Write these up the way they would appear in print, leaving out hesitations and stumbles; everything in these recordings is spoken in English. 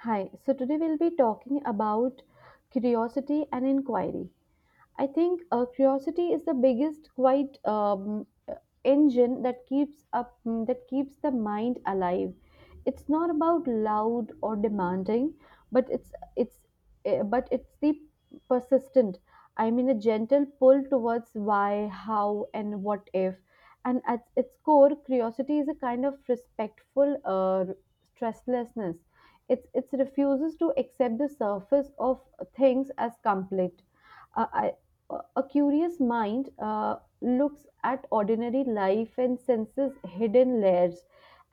Hi, so today we'll be talking about curiosity and inquiry. I think curiosity is the biggest quite engine that keeps that keeps the mind alive. It's not about loud or demanding, but it's but it's the persistent. I mean, a gentle pull towards why, how, and what if. And at its core, curiosity is a kind of respectful stresslessness. It refuses to accept the surface of things as complete. Uh, I, a curious mind looks at ordinary life and senses hidden layers,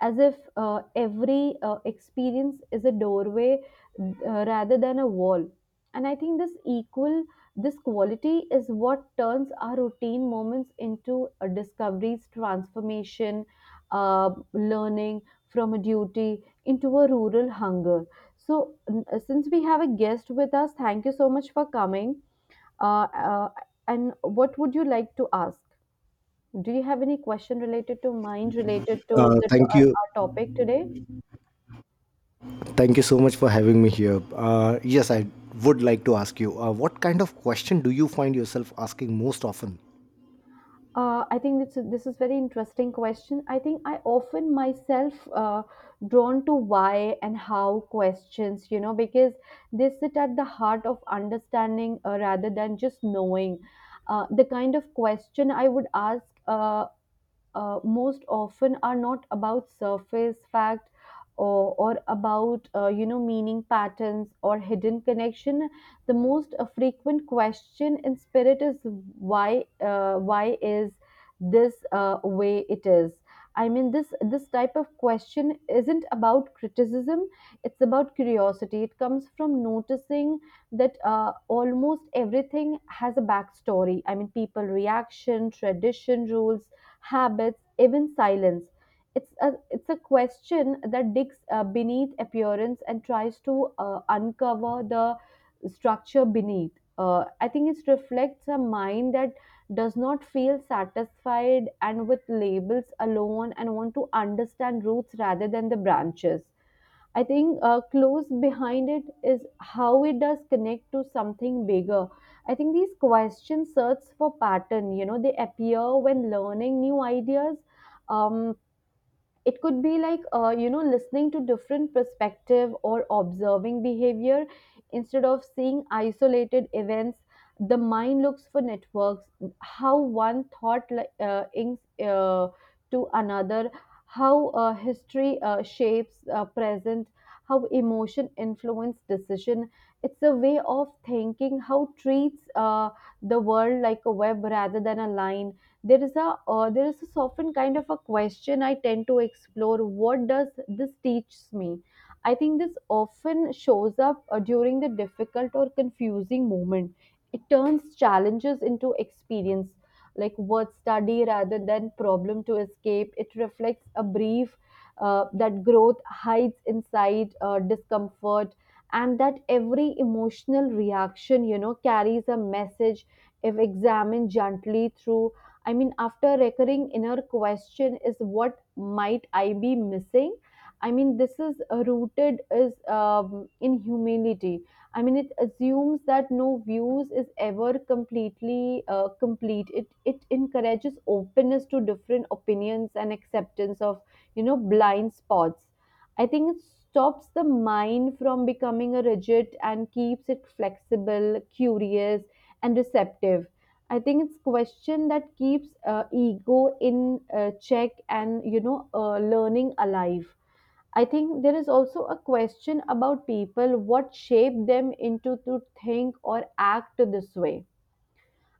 as if every experience is a doorway, uh, rather than a wall. And I think this quality is what turns our routine moments into discoveries, transformation, learning from a duty, into a rural hunger. So, since we have a guest with us, thank you so much for coming. Uh, uh, and what would you like to ask? Do you have any question related to mind, related to Thank you. our topic today? Thank you so much for having me here. Yes, I would like to ask you what kind of question do you find yourself asking most often? I think this is very interesting question. I think I often myself drawn to why and how questions, because they sit at the heart of understanding rather than just knowing. The kind of question I would ask most often are not about surface fact or about meaning patterns or hidden connection. The most frequent question in spirit is why. Why is this way it is? I mean, this type of question isn't about criticism, it's about curiosity. It comes from noticing that almost everything has a backstory. I mean, people reaction, tradition, rules, habits, even silence. It's a question that digs beneath appearance and tries to uncover the structure beneath. I think it reflects a mind that does not feel satisfied and with labels alone and want to understand roots rather than the branches. I think close behind it is how. It does connect to something bigger. I think these questions search for pattern. You know, they appear when learning new ideas. Um, it could be like, you know, listening to different perspective or observing behavior. Instead of seeing isolated events, the mind looks for networks. How one thought like, inks to another, how history shapes present, how emotion influence decision. It's a way of thinking how treats the world like a web rather than a line. There is a uh, there is a often kind of a question I tend to explore: what does this teach me? I think this often shows up during the difficult or confusing moment. It turns challenges into experience, like word study rather than problem to escape. It reflects a brief that growth hides inside discomfort, and that every emotional reaction, you know, carries a message if examined gently through. I mean, after recurring inner question is: what might I be missing? I mean, this is rooted is in humility. I mean, it assumes that no views is ever completely complete. It encourages openness to different opinions and acceptance of, you know, blind spots. I think it stops the mind from becoming a rigid and keeps it flexible, curious, and receptive. I think it's question that keeps ego in check and, you know, learning alive. I think there is also a question about people: what shape them into to think or act this way?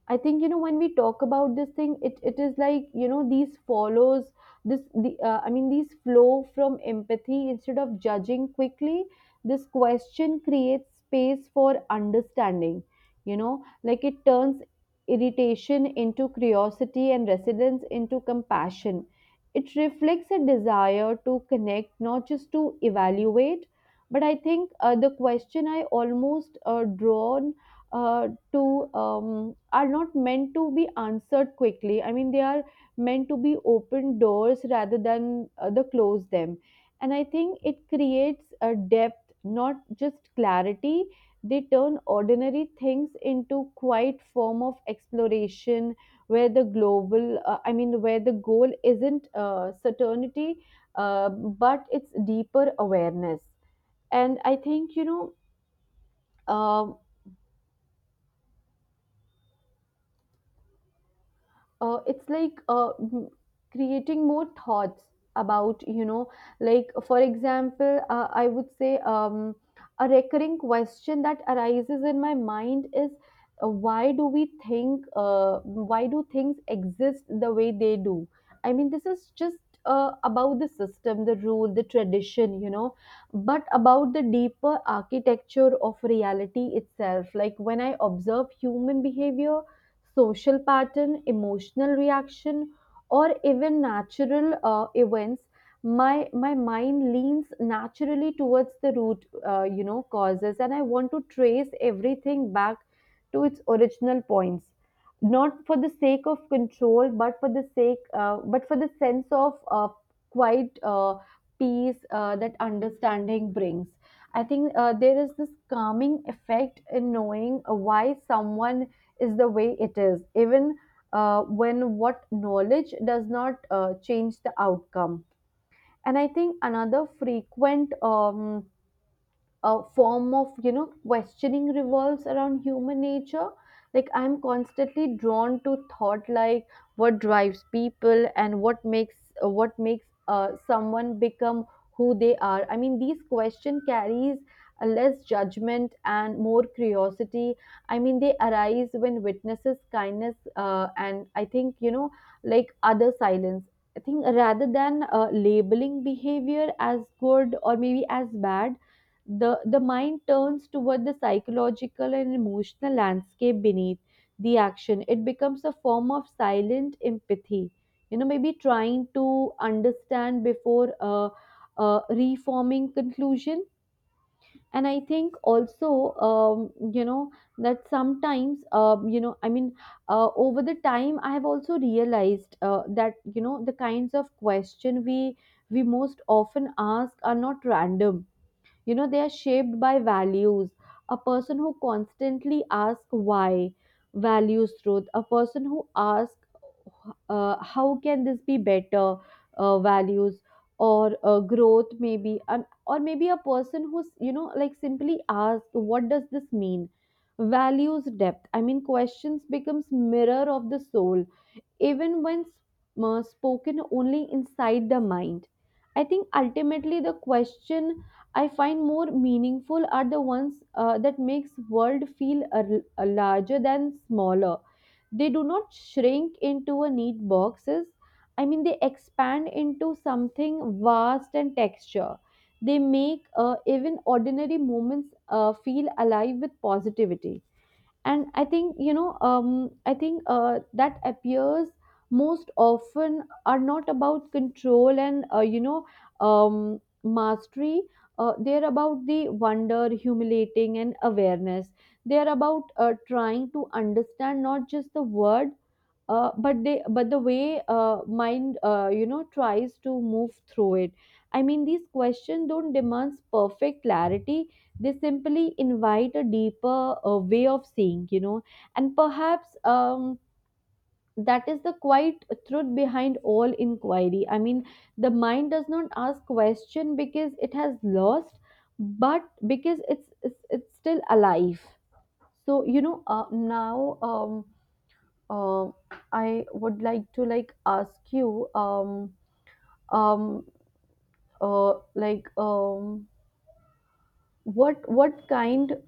I think, you know, when we talk about this thing, it is like, you know, these follows this the I mean these flow from empathy instead of judging quickly. This question creates space for understanding. You know, like it turns irritation into curiosity and residence into compassion. It reflects a desire to connect, not just to evaluate. But I think the question I almost drawn to are not meant to be answered quickly. I mean, they are meant to be open doors rather than the close them. And I think it creates a depth, not just clarity. They turn ordinary things into quite form of exploration, where the global, I mean, where the goal isn't certainty, but it's deeper awareness. And I think, you know, um it's like creating more thoughts about, you know, like for example, I would say, a recurring question that arises in my mind is: why do we think, why do things exist the way they do? I mean, this is just about the system, the rule, the tradition, you know, but about the deeper architecture of reality itself. Like when I observe human behavior, social pattern, emotional reaction, or even natural events, my mind leans naturally towards the root, you know, causes, and I want to trace everything back to its original points, not for the sake of control, but for the sake, but for the sense of quite peace that understanding brings. I think there is this calming effect in knowing why someone is the way it is, even when what knowledge does not change the outcome. And I think another frequent a form of, you know, questioning revolves around human nature. Like I'm constantly drawn to thought like: what drives people and what makes someone become who they are? I mean these question carries a less judgment and more curiosity. I mean they arise when witnesses kindness and I think, you know, like other silence. I think rather than labeling behavior as good or maybe as bad, the mind turns toward the psychological and emotional landscape beneath the action. It becomes a form of silent empathy. You know, maybe trying to understand before reforming conclusion. And I think also, you know, that sometimes, you know, I mean, over the time, I have also realized that, you know, the kinds of question we most often ask are not random. You know, they are shaped by values. A person who constantly asks why values truth. A person who asks, how can this be better, values or growth maybe. And or maybe a person who's, you know, like simply asks what does this mean values depth. I mean questions becomes mirror of the soul, even when spoken only inside the mind. I think ultimately the question I find more meaningful are the ones that makes world feel a larger than smaller. They do not shrink into a neat boxes. I mean, they expand into something vast and texture. They make even ordinary moments feel alive with positivity. And I think, you know, I think that appears most often are not about control and, you know, mastery. Uh, they're about the wonder, humiliating, and awareness. They're about, trying to understand, not just the word, but they but the way mind, you know, tries to move through it. I mean these questions don't demand perfect clarity. They simply invite a deeper way of seeing, you know. And perhaps, that is the quiet truth behind all inquiry. I mean the mind does not ask question because it has lost, but because it's still alive. So, you know, now, um, I would like to like ask you, um, uh, like, um, what kind,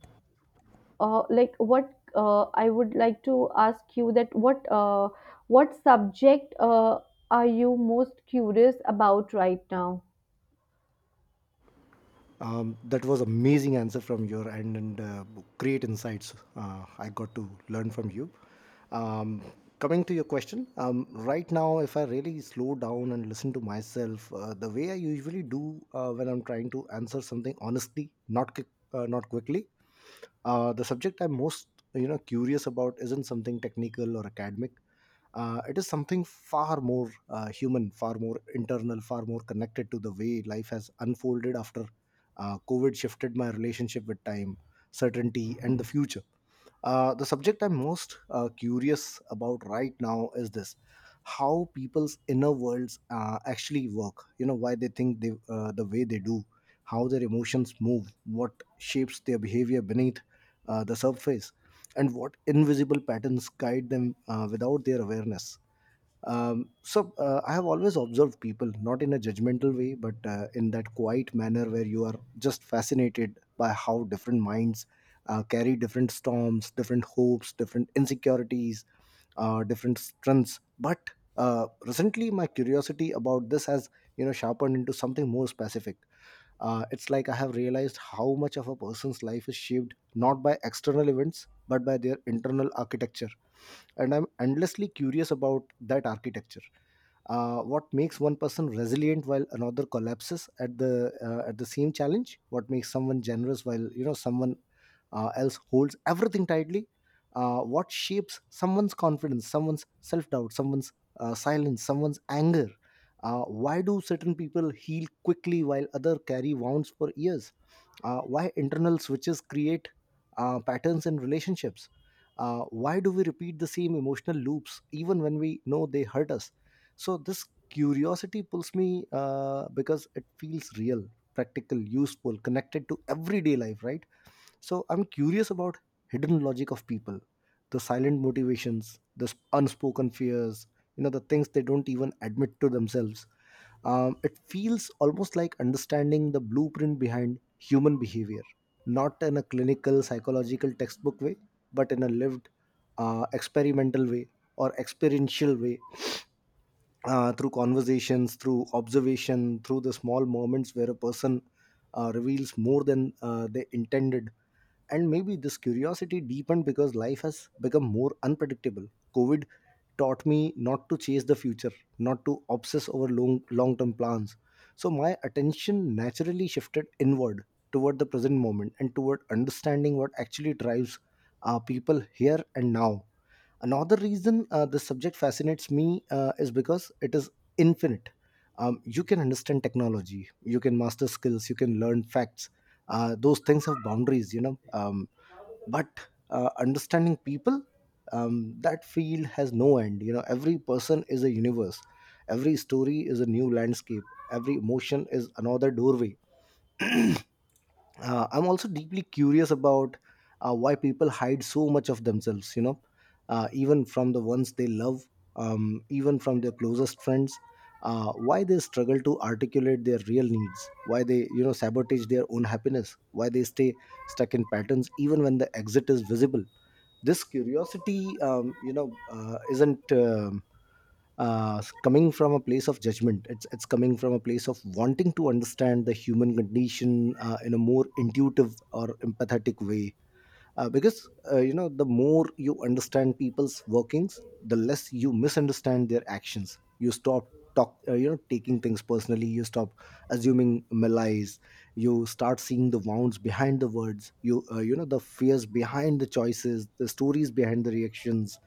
like, what I would like to ask you that what subject are you most curious about right now? That was amazing answer from your end, and great insights I got to learn from you. Um, Coming to your question, right now, if I really slow down and listen to myself, the way I usually do when I'm trying to answer something honestly, not quickly, the subject I'm most, you know, curious about isn't something technical or academic. It is something far more human, far more internal, far more connected to the way life has unfolded after COVID shifted my relationship with time, certainty, and the future. The subject I'm most curious about right now is this: how people's inner worlds actually work, you know, why they think the way they do, how their emotions move, what shapes their behavior beneath the surface, and what invisible patterns guide them without their awareness. So I have always observed people, not in a judgmental way, but in that quiet manner where you are just fascinated by how different minds carry different storms, different hopes, different insecurities, different strengths. But recently, my curiosity about this has, you know, sharpened into something more specific. It's like I have realized how much of a person's life is shaped not by external events but by their internal architecture, and I'm endlessly curious about that architecture. What makes one person resilient while another collapses at the same challenge? What makes someone generous while, you know, someone else holds everything tightly? What shapes someone's confidence, someone's self-doubt, someone's silence, someone's anger? Why do certain people heal quickly while other carry wounds for years? Why internal switches create patterns in relationships? Why do we repeat the same emotional loops even when we know they hurt us? So this curiosity pulls me because it feels real, practical, useful, connected to everyday life, right? So I'm curious about hidden logic of people, the silent motivations, the unspoken fears, you know, the things they don't even admit to themselves. It feels almost like understanding the blueprint behind human behavior, not in a clinical psychological textbook way, but in a lived, experimental way, or experiential way, through conversations, through observation, through the small moments where a person reveals more than they intended. And maybe this curiosity deepened because life has become more unpredictable. COVID taught me not to chase the future, not to obsess over long term plans. So my attention naturally shifted inward toward the present moment and toward understanding what actually drives people here and now. Another reason this subject fascinates me is because it is infinite. You can understand technology, you can master skills, you can learn facts. Those things have boundaries, you know. But understanding people, that field has no end. You know, every person is a universe, every story is a new landscape, every emotion is another doorway. I'm also deeply curious about why people hide so much of themselves, you know, even from the ones they love, even from their closest friends, why they struggle to articulate their real needs, why they, you know, sabotage their own happiness, why they stay stuck in patterns even when the exit is visible. This curiosity, isn't coming from a place of judgment. It's coming from a place of wanting to understand the human condition in a more intuitive or empathetic way, because, you know, the more you understand people's workings, the less you misunderstand their actions. You stop talk you know, taking things personally. You stop assuming malice. You start seeing the wounds behind the words, you you know, the fears behind the choices, the stories behind the reactions.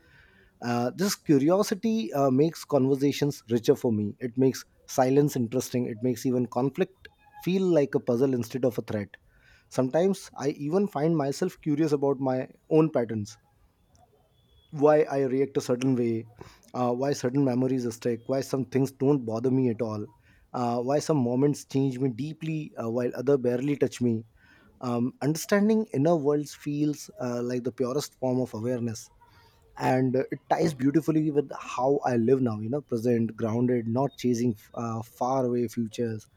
This curiosity makes conversations richer for me. It makes silence interesting. It makes even conflict feel like a puzzle instead of a threat. Sometimes I even find myself curious about my own patterns: why I react a certain way, why certain memories stick, why some things don't bother me at all, why some moments change me deeply while other barely touch me. Understanding inner worlds feels like the purest form of awareness, and it ties beautifully with how I live now, you know, present, grounded, not chasing far away futures.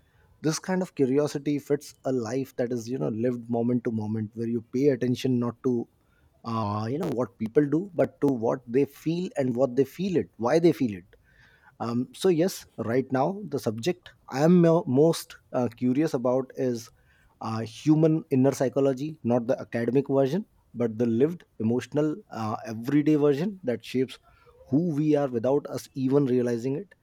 This kind of curiosity fits a life that is, you know, lived moment to moment, where you pay attention not to, you know, what people do, but to what they feel and what they feel it, why they feel it. So yes, right now the subject I am most curious about is human inner psychology, not the academic version, but the lived, emotional, everyday version that shapes who we are without us even realizing it.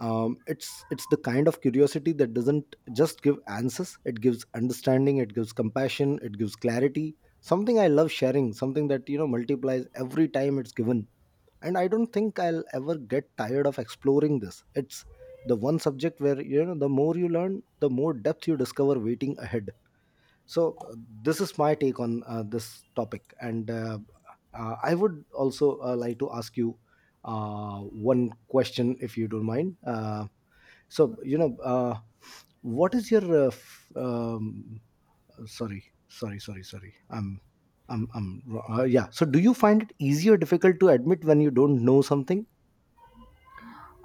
It's the kind of curiosity that doesn't just give answers; it gives understanding, it gives compassion, it gives clarity. Something I love sharing, something that, you know, multiplies every time it's given. And I don't think I'll ever get tired of exploring this. It's the one subject where, you know, the more you learn, the more depth you discover waiting ahead. So this is my take on this topic, and I would also like to ask you uh, one question, if you don't mind. So, you know, what is your sorry, I'm yeah, so do you find it easy or difficult to admit when you don't know something?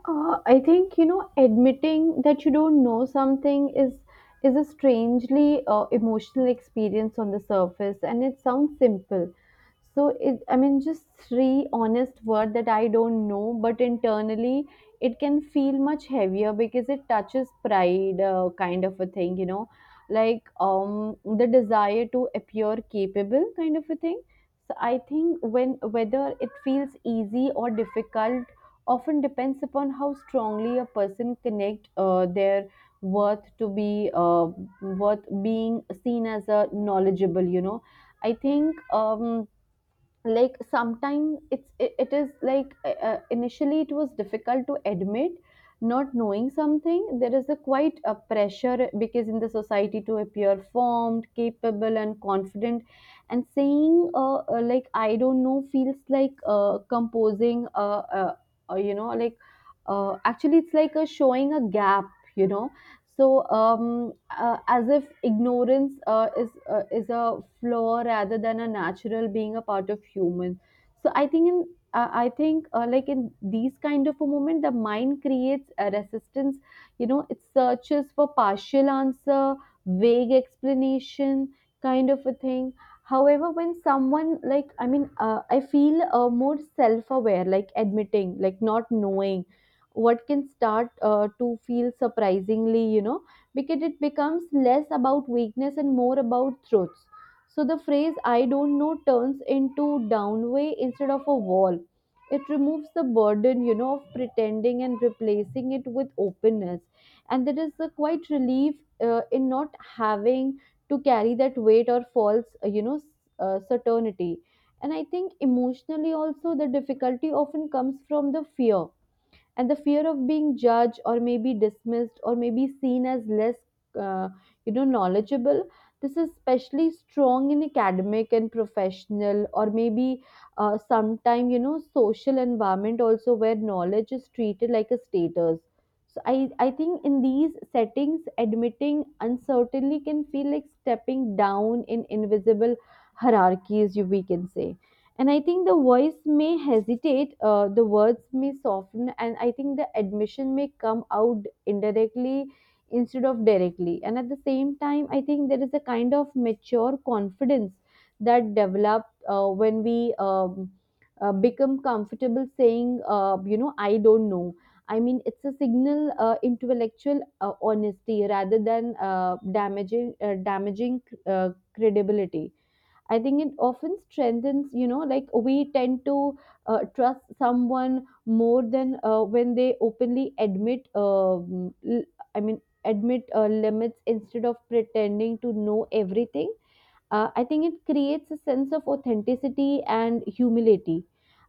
I think, you know, admitting that you don't know something is a strangely emotional experience on the surface, and it sounds simple. So it, I mean, just three honest word that I don't know, but internally it can feel much heavier because it touches pride, kind of a thing, you know, like the desire to appear capable, kind of a thing. So I think when whether it feels easy or difficult often depends upon how strongly a person connect their worth to be worth being seen as a knowledgeable, you know. I think, like sometimes it is like initially it was difficult to admit not knowing something. There is a quite a pressure because in the society to appear formed, capable, and confident, and saying, like I don't know feels like composing you know, like, actually it's like a showing a gap, you know. So, as if ignorance is a flaw rather than a natural being a part of human. So, I think in I think like in these kind of a moment, the mind creates a resistance. You know, it searches for partial answer, vague explanation, kind of a thing. However, when someone I feel more self-aware, like admitting, like not knowing what can start to feel surprisingly. Because it becomes less about weakness and more about truths. So the phrase I don't know turns into downway instead of a wall. It removes the burden, you know, of pretending and replacing it with openness, and there is a quite relief in not having to carry that weight or false, certainty. And I think emotionally also the difficulty often comes from the fear, and the fear of being judged or maybe dismissed or maybe seen as less, uh, you know, knowledgeable. This is especially strong in academic and professional, or maybe sometime, you know, social environment also, where knowledge is treated like a status. So I think in these settings admitting uncertainty can feel like stepping down in invisible hierarchies, you we can say. And I think the voice may hesitate, the words may soften, and I think the admission may come out indirectly instead of directly. And at the same time I think there is a kind of mature confidence that develops when we um, become comfortable saying, I don't know. I mean, it's a signal, intellectual honesty rather than damaging uh, credibility. I think it often strengthens, you know, like we tend to trust someone more than when they openly admit, admit limits instead of pretending to know everything. I think it creates a sense of authenticity and humility.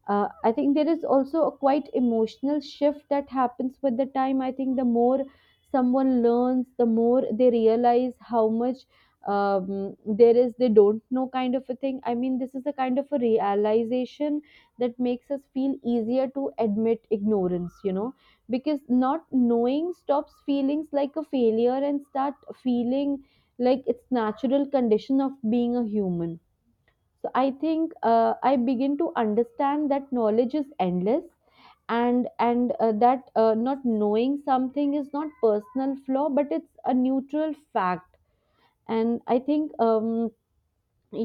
I think there is also a quite emotional shift that happens with the time. I think the more someone learns, the more they realize how much there is they don't know, kind of a thing. I mean, this is a kind of a realization that makes us feel easier to admit ignorance, you know, because not knowing stops feelings like a failure and start feeling like it's natural condition of being a human. So I think I begin to understand that knowledge is endless, and that not knowing something is not personal flaw, but it's a neutral fact. And I think, um,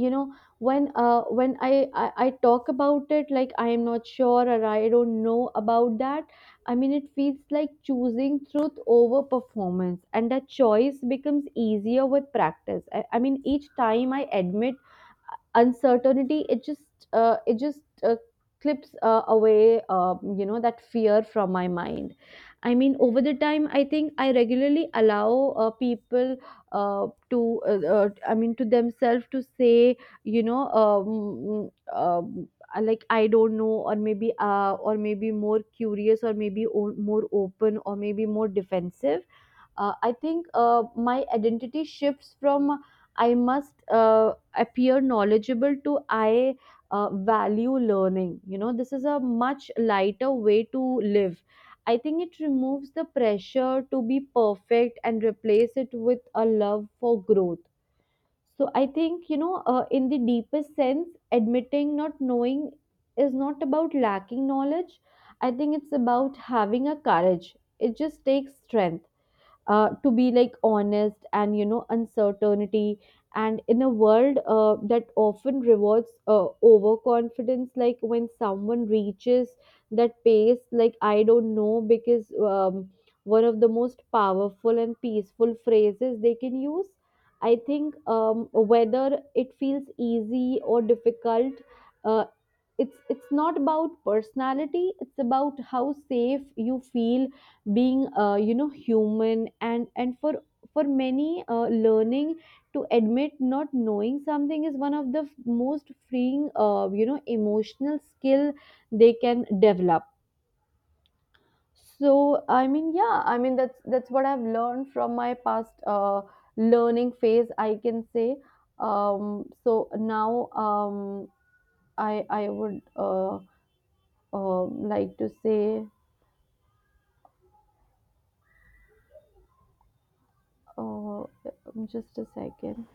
you know when I talk about it, like I am not sure or I don't know about that, I mean, it feels like choosing truth over performance, and that choice becomes easier with practice. I mean, each time I admit uncertainty, it just uh, it just uh, clips away, that fear from my mind. I mean, over the time I think I regularly allow people to I mean to themselves to say, you know um, um, I don't know, or maybe more curious, or maybe more open, or maybe more defensive. I think my identity shifts from I must appear knowledgeable to I value learning. You know, this is a much lighter way to live. I think it removes the pressure to be perfect and replace it with a love for growth. So I think, in the deepest sense, admitting not knowing is not about lacking knowledge. I think it's about having a courage. It just takes strength to be like honest and, you know, uncertainty. And in a world that often rewards overconfidence, like when someone reaches that pace like I don't know, because, one of the most powerful and peaceful phrases they can use. I think, whether it feels easy or difficult, uh, it's not about personality, it's about how safe you feel being, human. And for many, learning to admit not knowing something is one of the most freeing, emotional skill they can develop. So I mean, yeah, I mean, that's what I've learned from my past learning phase, I can say. So now, I would uh like to say, uh just a second,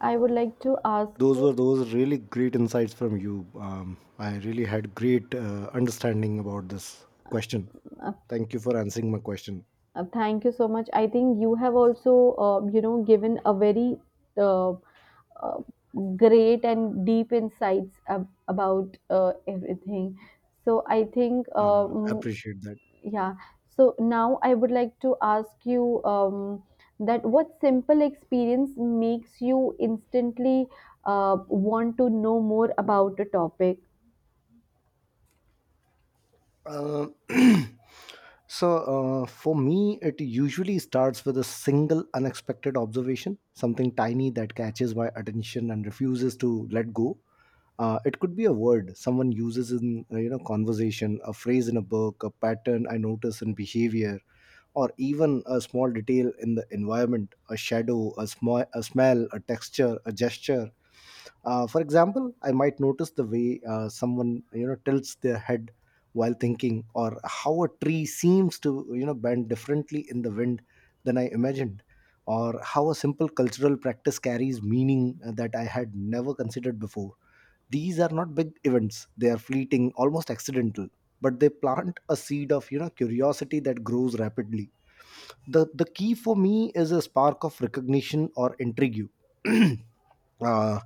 I would like to ask. Those were those really great insights from you. I really had great understanding about this question. Uh, Thank you for answering my question. Thank you so much. I think you have also, you know, given a very uh, uh, great and deep insights about everything. So I think, Appreciate that. yeah. So now I would like to ask you, that what simple experience makes you instantly want to know more about a topic? Uh, so for me, it usually starts with a single unexpected observation, something tiny that catches my attention and refuses to let go. It could be a word someone uses in, you know, conversation, a phrase in a book, a pattern I notice in behavior, or even a small detail in the environment: a shadow, a smell, a texture, a gesture. For example, I might notice the way someone, you know, tilts their head while thinking, or how a tree seems to, you know, bend differently in the wind than I imagined, or how a simple cultural practice carries meaning that I had never considered before. These are not big events. They are fleeting, almost accidental, but they plant a seed of, you know, curiosity that grows rapidly. The key for me is a spark of recognition or intrigue. uh,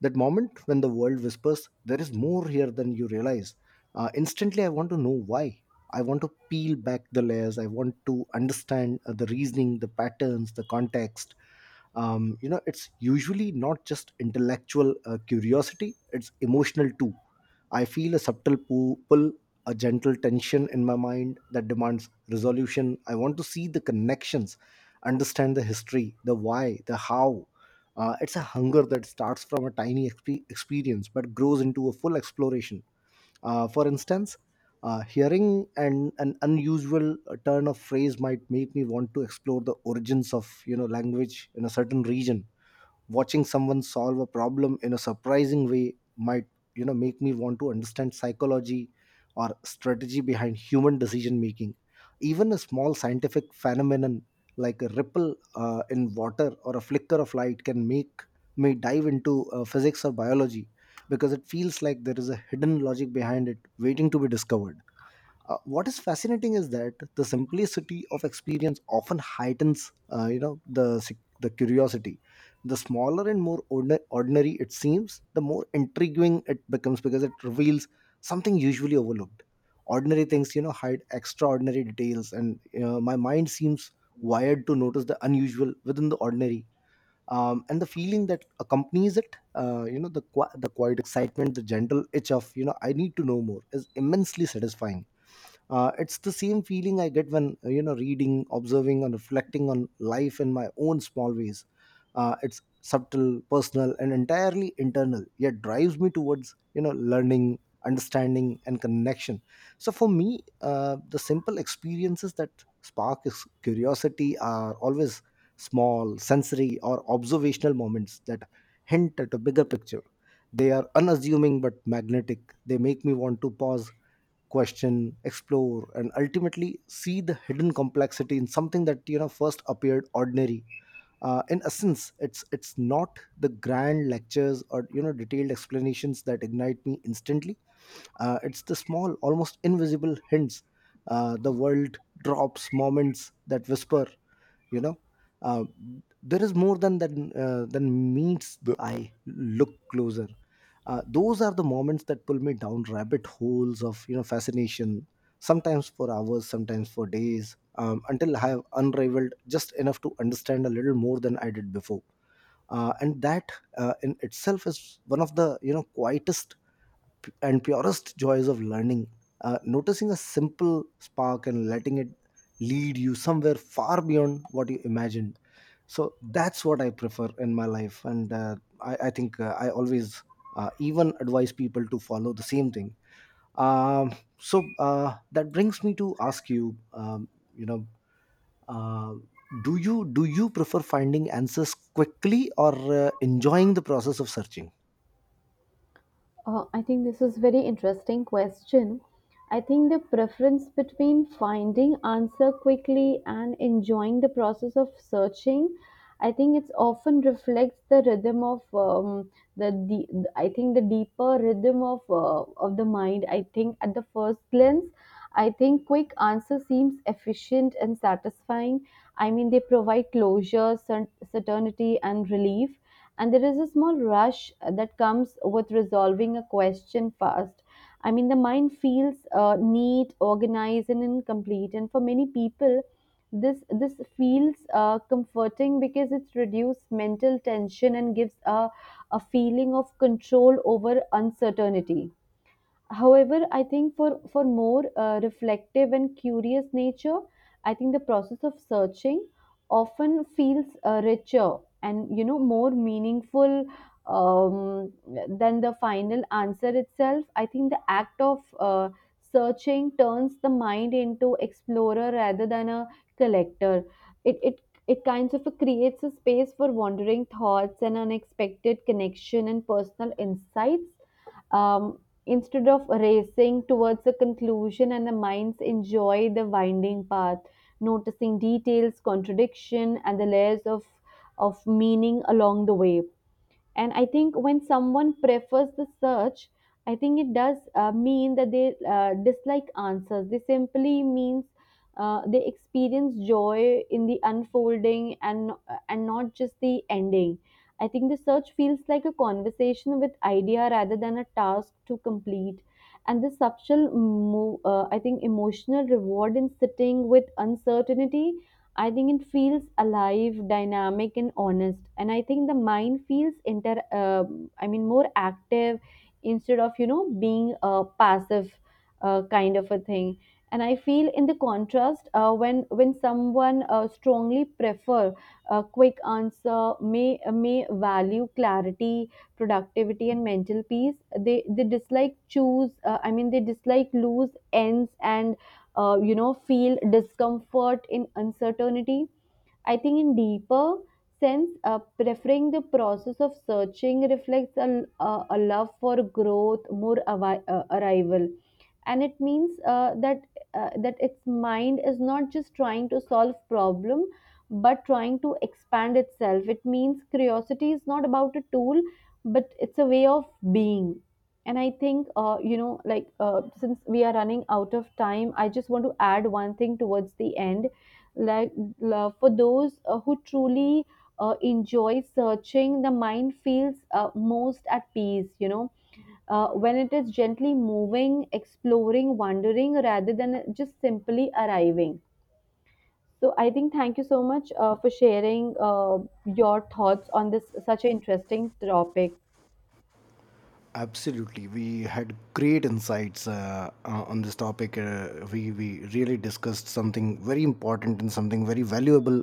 that moment when the world whispers, there is more here than you realize. Instantly I want to know why. I want to peel back the layers, I want to understand the reasoning, the patterns, the context. You know, it's usually not just intellectual curiosity, it's emotional too. I feel a subtle pull, a gentle tension in my mind that demands resolution. I want to see the connections, understand the history, the why, the how. It's a hunger that starts from a tiny experience but grows into a full exploration. For instance, hearing an unusual turn of phrase might make me want to explore the origins of, you know, language in a certain region. Watching someone solve a problem in a surprising way might, you know, make me want to understand psychology or strategy behind human decision making. Even a small scientific phenomenon like a ripple in water or a flicker of light can make me dive into physics or biology, because it feels like there is a hidden logic behind it waiting to be discovered. What is fascinating is that the simplicity of experience often heightens, you know, the the curiosity. The smaller and more ordinary it seems, the more intriguing it becomes, because it reveals something usually overlooked. Ordinary things, you know, hide extraordinary details, and my mind seems wired to notice the unusual within the ordinary. And the feeling that accompanies it, you know, the the quiet excitement, the gentle itch of, you know, I need to know more, is immensely satisfying. It's the same feeling I get when, you know, reading, observing, and reflecting on life in my own small ways. It's subtle, personal, and entirely internal, yet drives me towards, you know, learning, understanding, and connection. So for me, the simple experiences that spark is curiosity are always small sensory or observational moments that hint at a bigger picture. They are unassuming but magnetic. They make me want to pause, question, explore, and ultimately see the hidden complexity in something that, you know, first appeared ordinary. In essence, it's not the grand lectures or, you know, detailed explanations that ignite me instantly. It's the small, almost invisible hints, the world drops, moments that whisper, you know, uh, there is more than that than meets the eye, look closer. Those are the moments that pull me down rabbit holes of, you know, fascination, sometimes for hours, sometimes for days, until I have unraveled just enough to understand a little more than I did before. And that in itself is one of the, you know, quietest and purest joys of learning: noticing a simple spark and letting it lead you somewhere far beyond what you imagined. So that's what I prefer in my life, and I think I always even advise people to follow the same thing. um, so that brings me to ask you, you know, uh, do you prefer finding answers quickly or enjoying the process of searching? I think this is very interesting question. I think the preference between finding answer quickly and enjoying the process of searching, I think it's often reflects the rhythm of, the I think the deeper rhythm of, of the mind. I think at the first glance, I think quick answer seems efficient and satisfying. I mean, they provide closure, certainty, and relief, and there is a small rush that comes with resolving a question fast. I mean, the mind feels neat, organized, and incomplete, and for many people this this feels comforting because it reduces mental tension and gives a feeling of control over uncertainty. However, I think for more reflective and curious nature, I think the process of searching often feels richer and, you know, more meaningful, um, than the final answer itself. I think the act of searching turns the mind into explorer rather than a collector. It it it kinds of creates a space for wandering thoughts and unexpected connection and personal insights, um, instead of racing towards a conclusion, and the minds enjoy the winding path, noticing details, contradiction, and the layers of meaning along the way. And I think when someone prefers the search, I think it does mean that they dislike answers. They simply means they experience joy in the unfolding, and, not just the ending. I think the search feels like a conversation with idea rather than a task to complete, and the subtle, I think, emotional reward in sitting with uncertainty. I think it feels alive, dynamic, and honest. And I think the mind feels I mean, more active instead of, you know, being a passive kind of a thing. And I feel in the contrast, when someone strongly prefer a quick answer, may value clarity, productivity, and mental peace. They dislike choose. I mean, they dislike loose ends and, feel discomfort in uncertainty. I think in deeper sense, preferring the process of searching reflects a love for growth more arrival. And it means that its mind is not just trying to solve problem, but trying to expand itself. It means curiosity is not about a tool, but it's a way of being. And I think, since we are running out of time, I just want to add one thing towards the end. Like for those who truly enjoy searching, the mind feels most at peace, you know, when it is gently moving, exploring, wandering, rather than just simply arriving. So I think thank you so much for sharing your thoughts on this such an interesting topic. Absolutely, we had great insights on this topic. We really discussed something very important and something very valuable.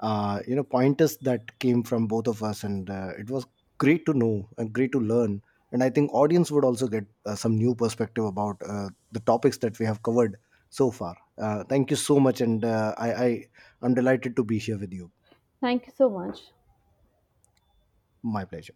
You know, pointers that came from both of us, and it was great to know and great to learn. And I think audience would also get some new perspective about the topics that we have covered so far. Thank you so much, and I, I'm delighted to be here with you. Thank you so much. My pleasure.